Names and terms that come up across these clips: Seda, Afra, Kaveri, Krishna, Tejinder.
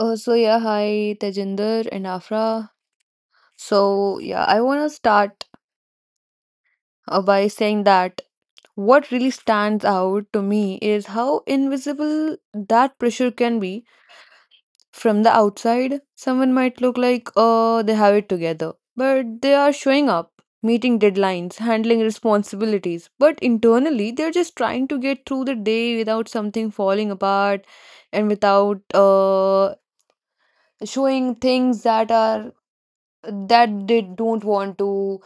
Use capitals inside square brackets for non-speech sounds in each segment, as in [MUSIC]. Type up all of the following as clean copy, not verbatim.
So yeah, hi Tejinder and Afra. So yeah, I want to start by saying that what really stands out to me is how invisible that pressure can be from the outside. Someone might look like they have it together, but they are showing up, meeting deadlines, handling responsibilities, but internally they're just trying to get through the day without something falling apart and without showing things that they don't want to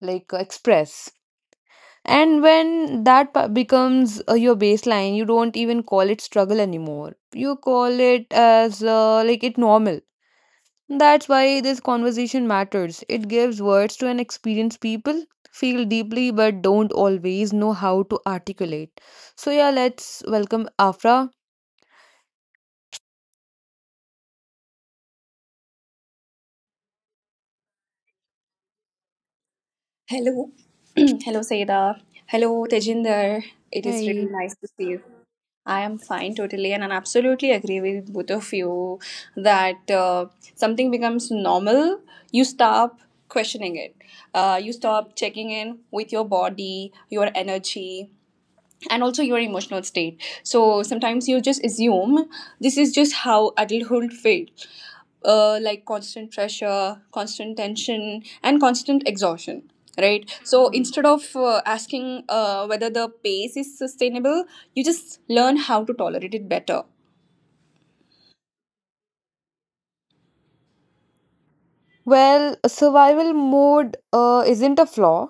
like express. And when becomes your baseline, you don't even call it struggle anymore. You call it as, like, it normal. That's why this conversation matters. It gives words to an experienced people feel deeply but don't always know how to articulate. So yeah, let's welcome Afra. Hello. [CLEARS THROAT] Hello, Seda. Hello, Tejinder. It is really Hey. nice to see you. I am fine totally, and I absolutely agree with both of you that something becomes normal, you stop questioning it. You stop checking in with your body, your energy, and also your emotional state. So sometimes you just assume this is just how adulthood feels, like constant pressure, constant tension, and constant exhaustion, right? So mhm, instead of asking whether the pace is sustainable, you just learn how to tolerate it better. Well, survival mode isn't a flaw.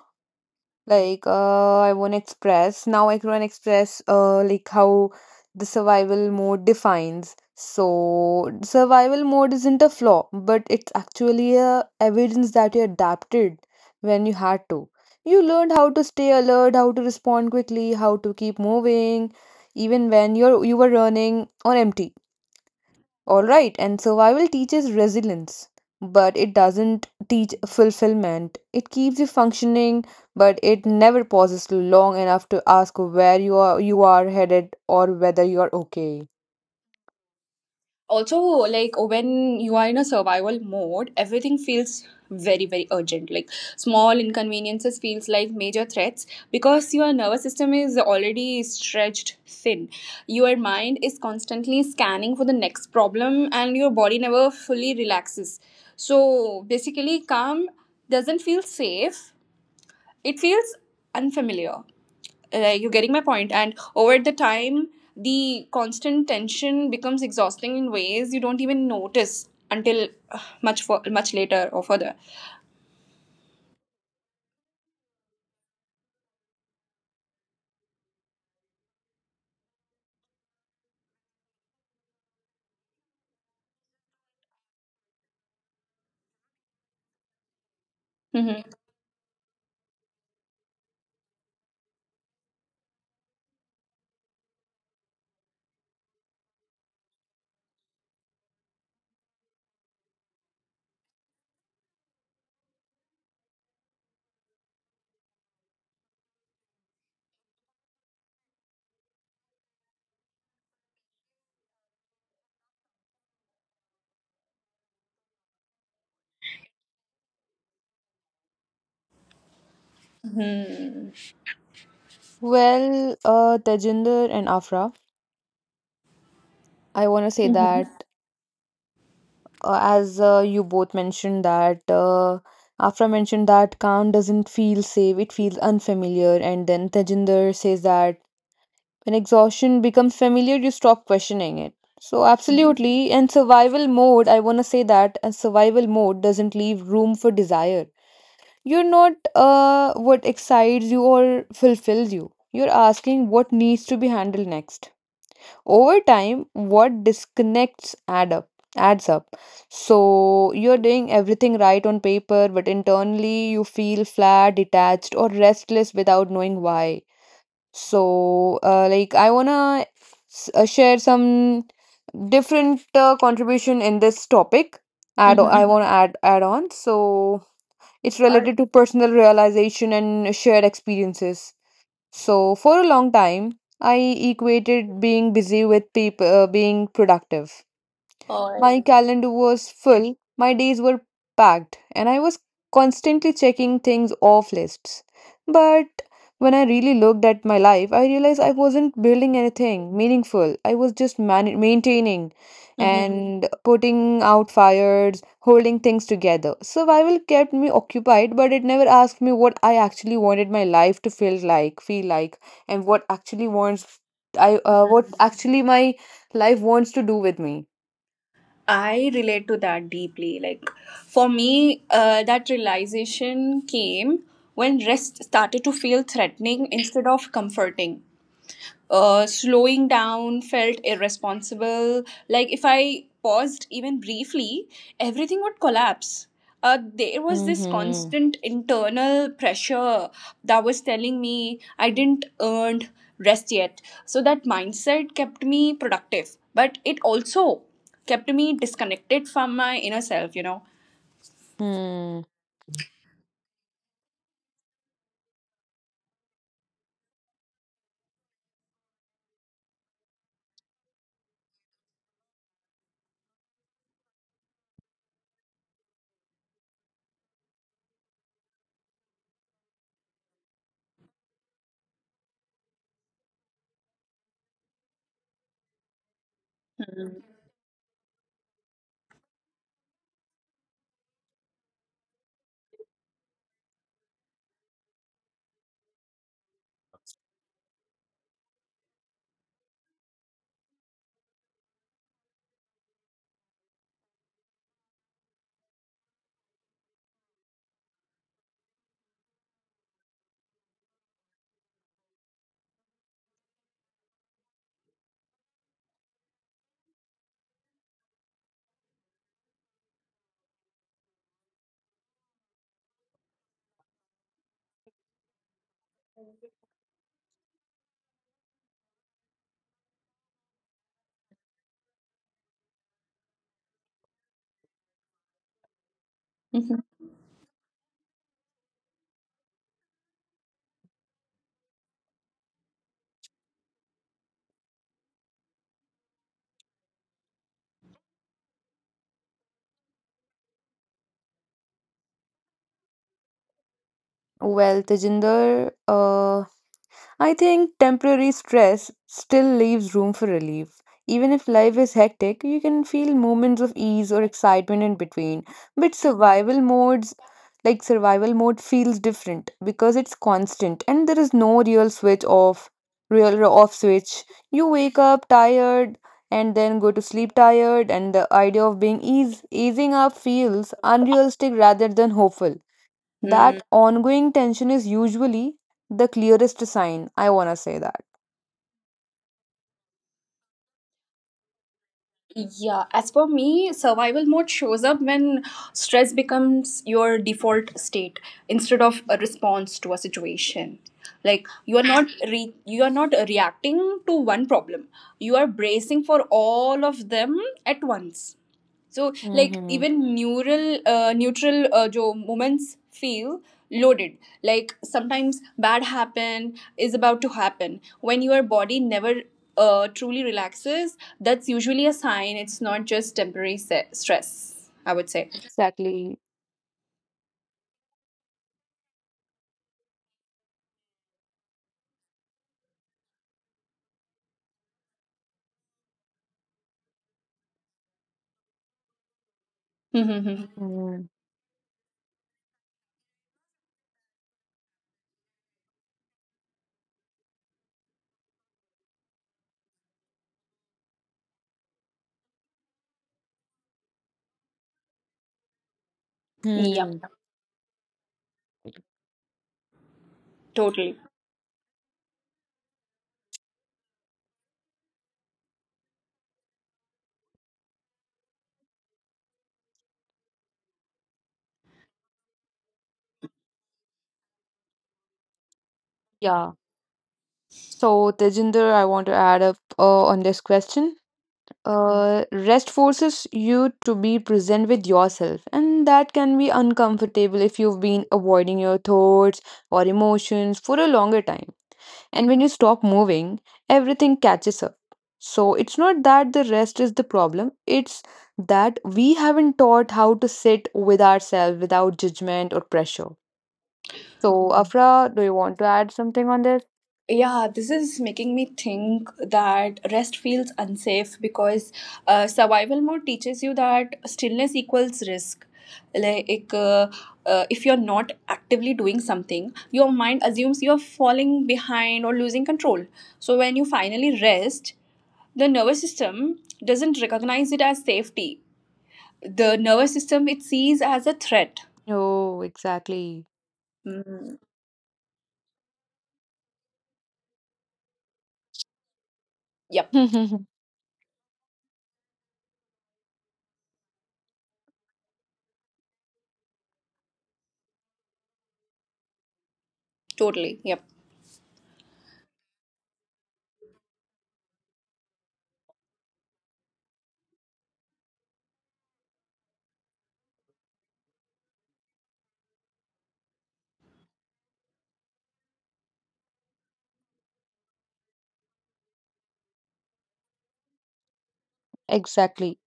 Like, I won Express. Now I can Express. Like how the survival mode defines. So survival mode isn't a flaw, but it's actually a evidence that you adapted when you had to. You learned how to stay alert, how to respond quickly, how to keep moving, even when you were running on empty. All right, and survival teaches resilience, but it doesn't teach fulfillment. It keeps you functioning, but it never pauses long enough to ask where you are headed or whether you are okay. Also, like when you are in a survival mode, everything feels very, very urgent, like small inconveniences feels like major threats because your nervous system is already stretched thin, your mind is constantly scanning for the next problem, and your body never fully relaxes. So basically calm doesn't feel safe, it feels unfamiliar. You're getting my point. And over the time, the constant tension becomes exhausting in ways you don't even notice until much later or further. Mm-hmm. Mm-hmm. Well, Tejinder and Afra, I want to say that Mm-hmm. As you both mentioned that Afra mentioned that calm doesn't feel safe; it feels unfamiliar, and then Tejinder says that when exhaustion becomes familiar, you stop questioning it. So, absolutely, in survival mode, I want to say that a survival mode doesn't leave room for desire. You're not what excites you or fulfills you. You're asking what needs to be handled next. Over time, what disconnects adds up. So you're doing everything right on paper, but internally you feel flat, detached, or restless without knowing why. So, like, I wanna share some different contribution in this topic. I, Mm-hmm. Mm-hmm, wanna add on. So, it's All right. related to personal realization and shared experiences. So, for a long time, I equated being busy with people being productive. All right. My calendar was full, my days were packed, and I was constantly checking things off lists. But when I really looked at my life, I realized I wasn't building anything meaningful. I was just maintaining Mm-hmm. and putting out fires, holding things together. Survival kept me occupied, but it never asked me what I actually wanted my life to feel like, and what actually my life wants to do with me. I relate to that deeply. Like for me, that realization came when rest started to feel threatening instead of comforting. Slowing down felt irresponsible. Like if I paused even briefly, everything would collapse. There was this Mm-hmm. constant internal pressure that was telling me I didn't earn rest yet. So that mindset kept me productive, but it also kept me disconnected from my inner self. Hmm. Mhm. Well, Tejinder, I think temporary stress still leaves room for relief. Even if life is hectic, you can feel moments of ease or excitement in between. But survival modes, like survival mode, feels different because it's constant and there is no real off switch. You wake up tired and then go to sleep tired, and the idea of easing up feels unrealistic rather than hopeful. Mm, That ongoing tension is usually the clearest sign. I want to say that. yeah, as for me, survival mode shows up when stress becomes your default state instead of a response to a situation. Like you are not re- you are not reacting to one problem. You are bracing for all of them at once. So like Mm-hmm. even neural neutral jo moments feel loaded, like sometimes bad happen is about to happen. When your body never truly relaxes, that's usually a sign it's not just temporary stress, I would say. Exactly. [LAUGHS] Yep, Mm-hmm. totally. Yeah. So, Tejinder, I want to add up on this question. Rest forces you to be present with yourself, and that can be uncomfortable if you've been avoiding your thoughts or emotions for a longer time. And when you stop moving, everything catches up. So it's not that the rest is the problem, it's that we haven't taught how to sit with ourselves without judgment or pressure. So, Afra, do you want to add something on this? Yeah, this is making me think that rest feels unsafe because survival mode teaches you that stillness equals risk. Like, if you're not actively doing something, your mind assumes you're falling behind or losing control. So, when you finally rest, the nervous system doesn't recognize it as safety. The nervous system it sees as a threat. Oh, exactly. Mm, yep, [LAUGHS] totally. Yep. Exactly.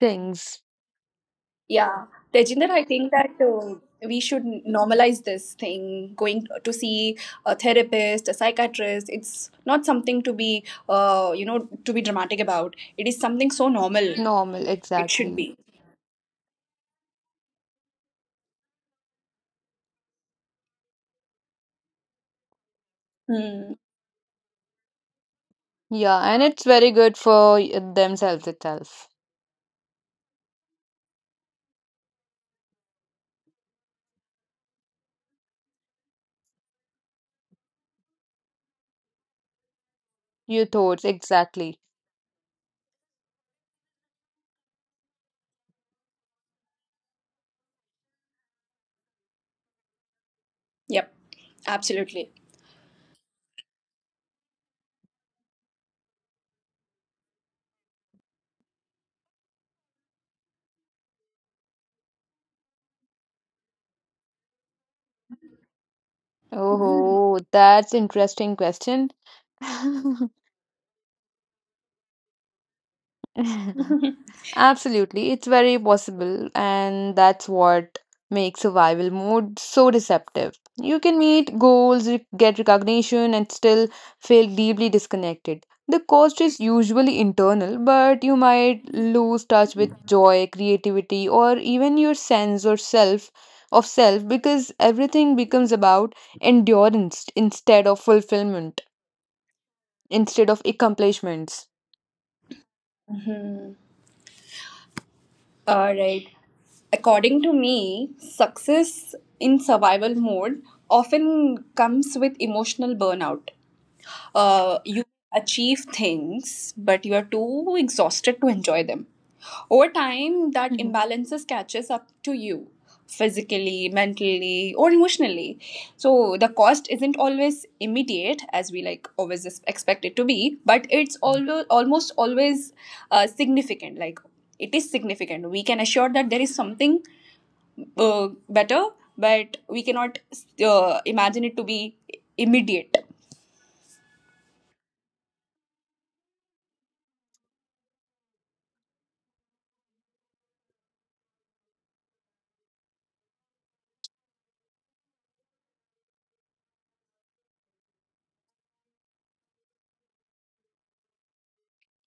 Things. Yeah, Tejinder, I think that we should normalize this thing. Going to see a therapist, a psychiatrist, it's not something to be, to be dramatic about. It is something so normal. Normal, It should exactly. be. Hmm. Yeah, and it's very good for themselves itself. Your thoughts, exactly. Yep, absolutely. Oh, that's interesting question. [LAUGHS] [LAUGHS] Absolutely, it's very possible, and that's what makes survival mode so deceptive. You can meet goals, get recognition, and still feel deeply disconnected. The cost is usually internal, but you might lose touch with joy, creativity, or even your sense or self of self because everything becomes about endurance instead of fulfillment, instead of accomplishments. Mhm. All right. According to me, success in survival mode often comes with emotional burnout. You achieve things, but you are too exhausted to enjoy them. Over time, that Mhm. imbalances catches up to you physically, mentally, or emotionally. So the cost isn't always immediate as we like always expect it to be, but it's always almost always significant. Like it is significant. We can assure that there is something better, but we cannot imagine it to be immediate.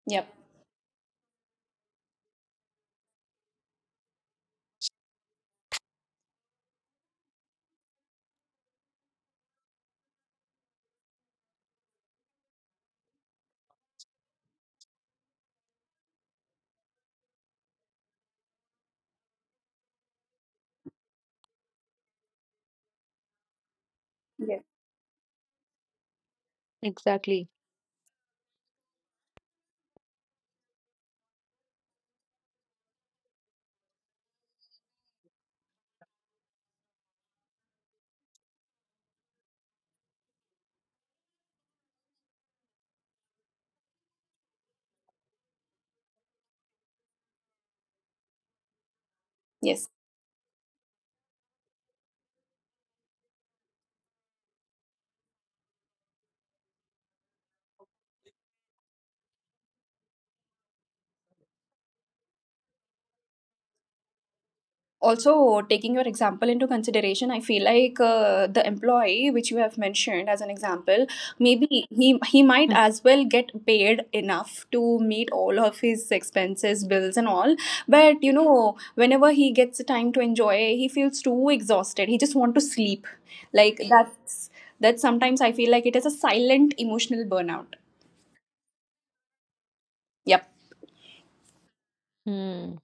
Yep. Yes. Exactly. Yes. Also, taking your example into consideration, I feel like the employee which you have mentioned as an example, maybe he might as well get paid enough to meet all of his expenses, bills and all, but you know, whenever he gets time to enjoy, he feels too exhausted, he just want to sleep. Like that's that sometimes I feel like it is a silent emotional burnout. Yep. Hmm.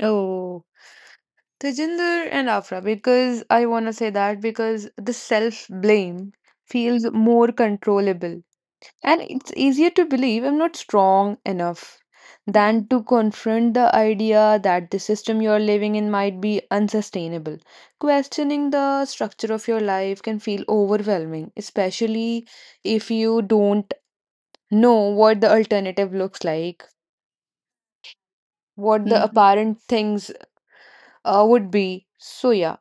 Oh, Tejinder and Afra, because I want to say that because the self blame feels more controllable. And it's easier to believe I'm not strong enough than to confront the idea that the system you're living in might be unsustainable. Questioning the structure of your life can feel overwhelming, especially if you don't know what the alternative looks like, what the Hmm. apparent things would be. So, yeah,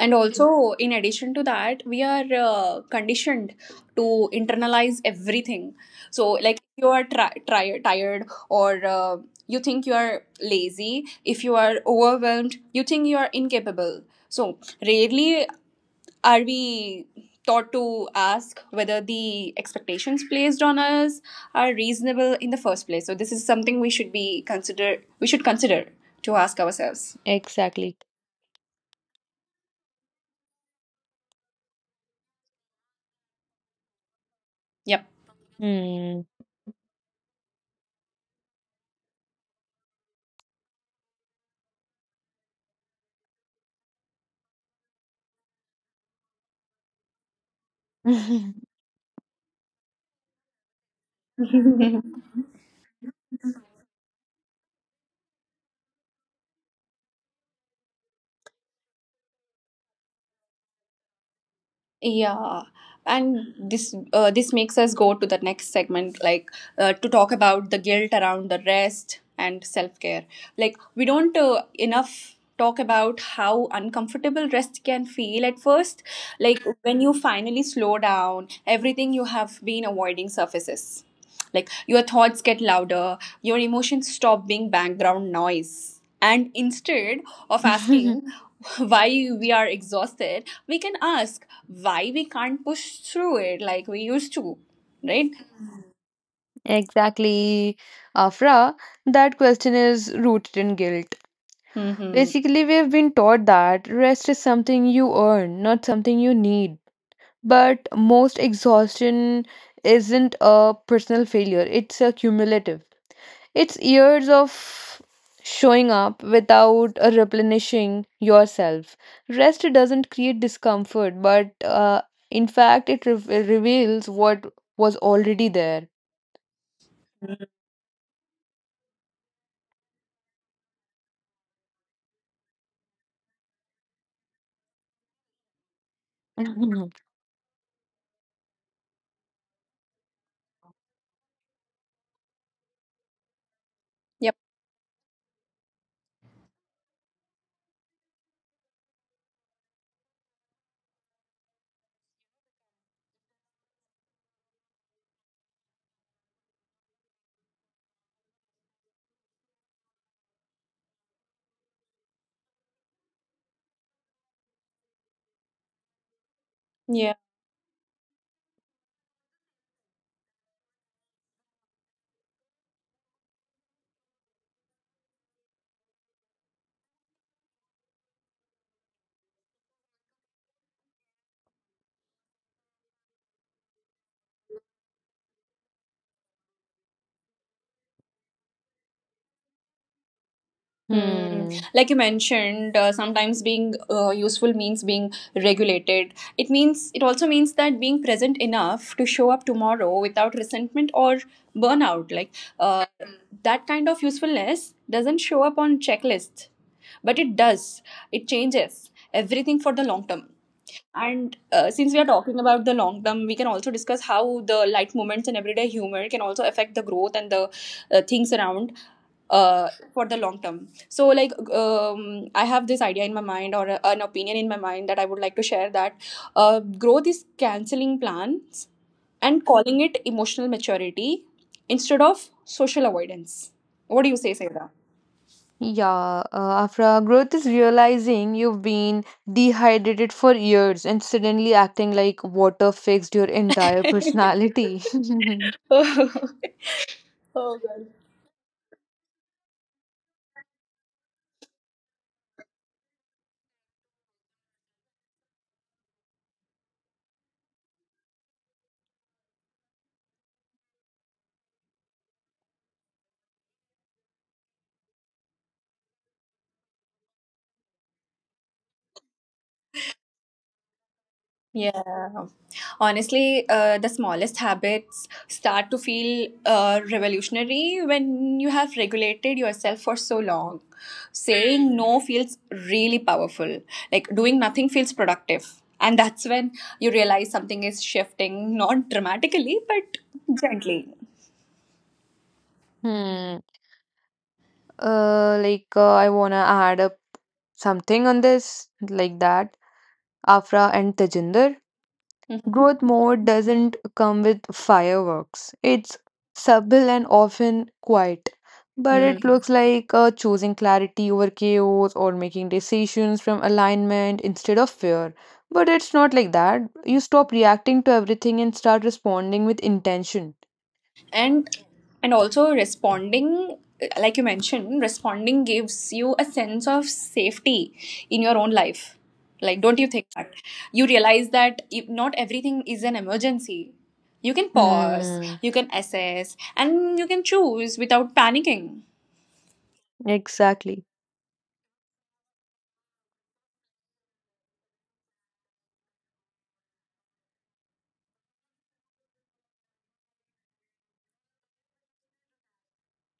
And also in addition to that, we are conditioned to internalize everything. So like if you are tired, or you think you are lazy, if you are overwhelmed, you think you are incapable. So rarely are we taught to ask whether the expectations placed on us are reasonable in the first place. So this is something we should consider to ask ourselves. exactly. Yep. Hmm. [LAUGHS] [LAUGHS] Yeah, and this makes us go to the next segment, like to talk about the guilt around the rest and self care. Like we don't enough talk about how uncomfortable rest can feel at first. Like when you finally slow down, everything you have been avoiding surfaces. Like your thoughts get louder, your emotions stop being background noise. And instead of asking [LAUGHS] why we are exhausted, we can ask why we can't push through it like we used to, right? Exactly, Afra. That question is rooted in guilt. Mm-hmm. Basically, we've been taught that rest is something you earn, not something you need. But most exhaustion isn't a personal failure, it's a cumulative. It's years of showing up without replenishing yourself. Rest doesn't create discomfort, but in fact, it reveals what was already there. [LAUGHS] Yep. Yeah. Hmm. Hmm. Like you mentioned, sometimes being useful means being regulated. It means it also means that being present enough to show up tomorrow without resentment or burnout. Like uh, that kind of usefulness doesn't show up on checklists, but it does. It changes everything for the long term. And since we are talking about the long term, we can also discuss how the light moments and everyday humor can also affect the growth and the things around uh, for the long term. So, like, I have this idea in my mind or an opinion in my mind that I would like to share, that growth is canceling plans and calling it emotional maturity instead of social avoidance. What do you say, Sayada? Yeah, Afra, growth is realizing you've been dehydrated for years and suddenly acting like water fixed your entire personality. [LAUGHS] [LAUGHS] Oh god. Yeah. Honestly, the smallest habits start to feel revolutionary when you have regulated yourself for so long. Saying no feels really powerful. Like doing nothing feels productive. And that's when you realize something is shifting, not dramatically, but gently. Hmm. Like, I wanna add up something on this, like that. Afra and Tejinder. Growth mode doesn't come with fireworks. It's subtle and often quiet, but it Mhm. looks like choosing clarity over chaos or making decisions from alignment instead of fear. But it's not like that. You stop reacting to everything and start responding with intention. And also responding, like you mentioned, responding gives you a sense of safety in your own life. Like don't you think that you realize that if not everything is an emergency, you can pause, Hmm, you can assess, and you can choose without panicking. exactly.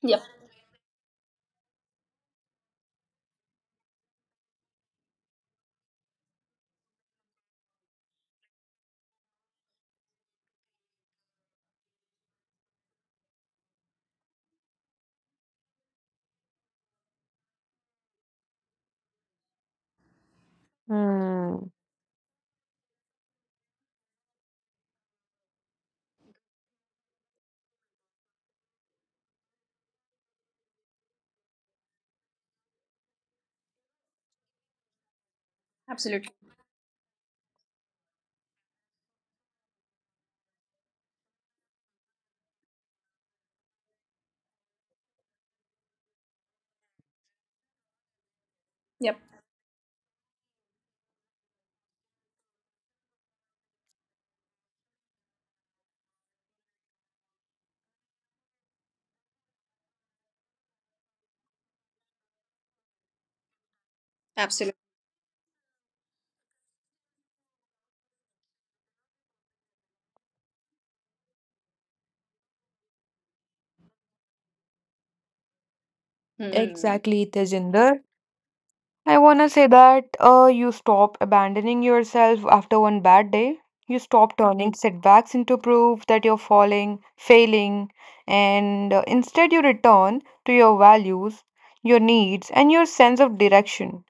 Yep, Hmm, absolutely. Yep, absolutely. Hmm. exactly, Tejinder. I want to say that you stop abandoning yourself after one bad day. You stop turning setbacks into proof that you're failing, and instead you return to your values, your needs, and your sense of direction.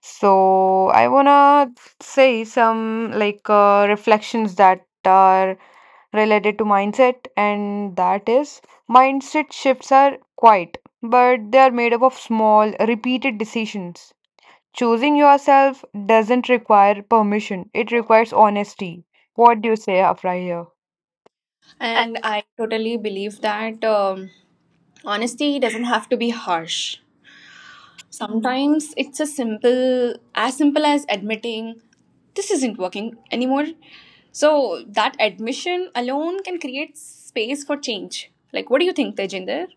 So I want to say some like reflections that are related to mindset, and that is mindset shifts are quiet, but they are made up of small, repeated decisions. Choosing yourself doesn't require permission, it requires honesty. What do you say, Afra, here? And I totally believe that honesty doesn't have to be harsh. Sometimes it's as simple as admitting this isn't working anymore. So that admission alone can create space for change. Like, what do you think, Tejinder?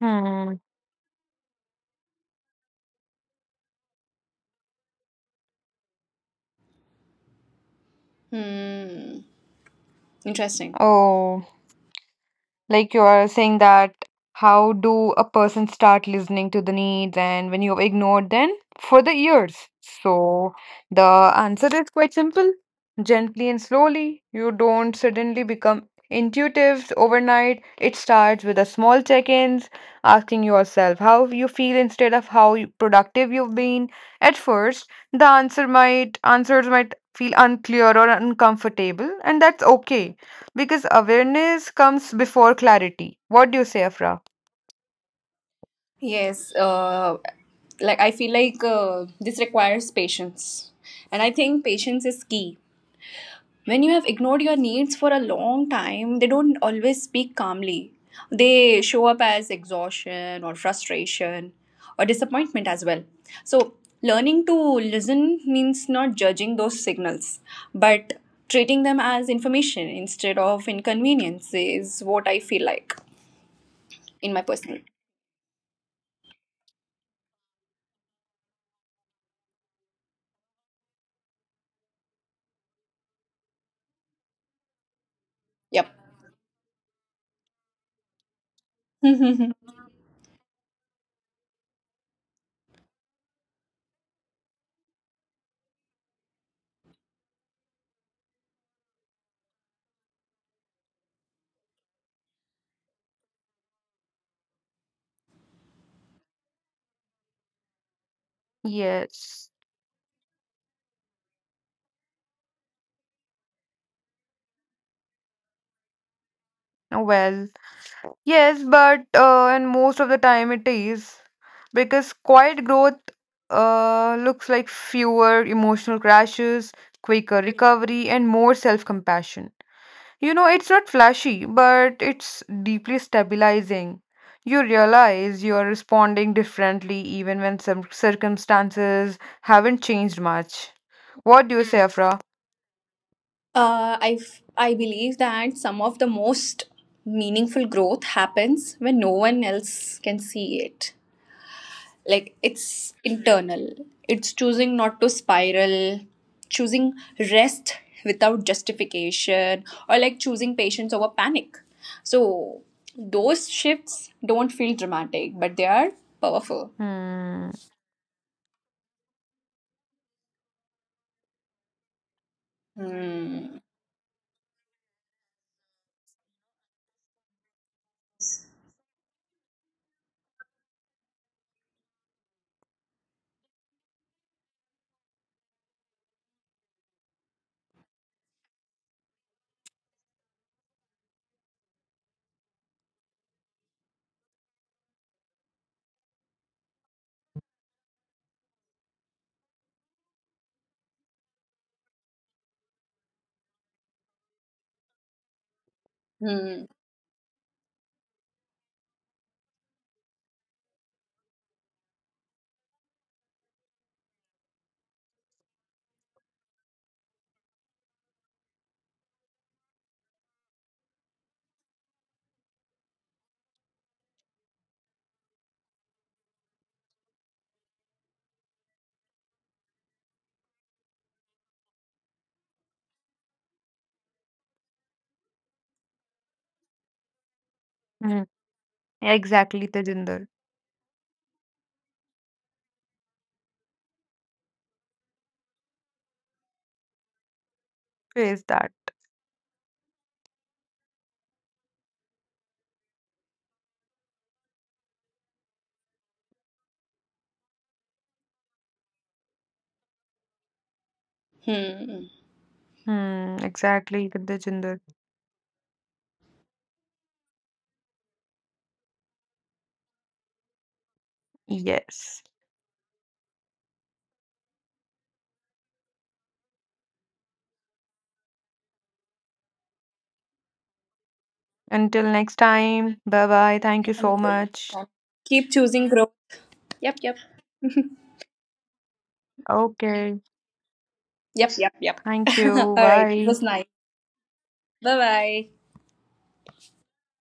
Hmm. Hmm, interesting. Oh. Like you are saying that how do a person start listening to the needs and when you ignore them for the years? So the answer is quite simple. Gently and slowly. You don't suddenly become intuitive overnight. It starts with a small check-ins, asking yourself how you feel instead of how productive you've been. At first, the answers might feel unclear or uncomfortable, and that's okay because awareness comes before clarity. What do you say, Afra? Yes, like I feel like this requires patience, and I think patience is key. When you have ignored your needs for a long time, they don't always speak calmly. They show up as exhaustion or frustration or disappointment as well. So, learning to listen means not judging those signals, but treating them as information instead of inconvenience is what I feel like in my personal. Yep. [LAUGHS] Yes. Oh, well, yes, but and most of the time it is because quiet growth looks like fewer emotional crashes, quicker recovery, and more self-compassion. It's not flashy, but it's deeply stabilizing. You realize you are responding differently even when some circumstances haven't changed much. What do you say, hmm, Afra? Uh, I I believe that some of the most meaningful growth happens when no one else can see it. Like it's internal, it's choosing not to spiral, choosing rest without justification, or like choosing patience over panic. So those shifts don't feel dramatic, but they are powerful. Hmm. Hmm. Hmm, exactly, Tejinder. Face that. Hmm. Hmm. Exactly, Tejinder. Yes. Until next time. Bye bye. Thank you so Unfulfilled. much. Keep choosing growth. Okay. Yep. Yep. Yep. Thank [LAUGHS] you. All right, it Bye. was nice. Bye bye.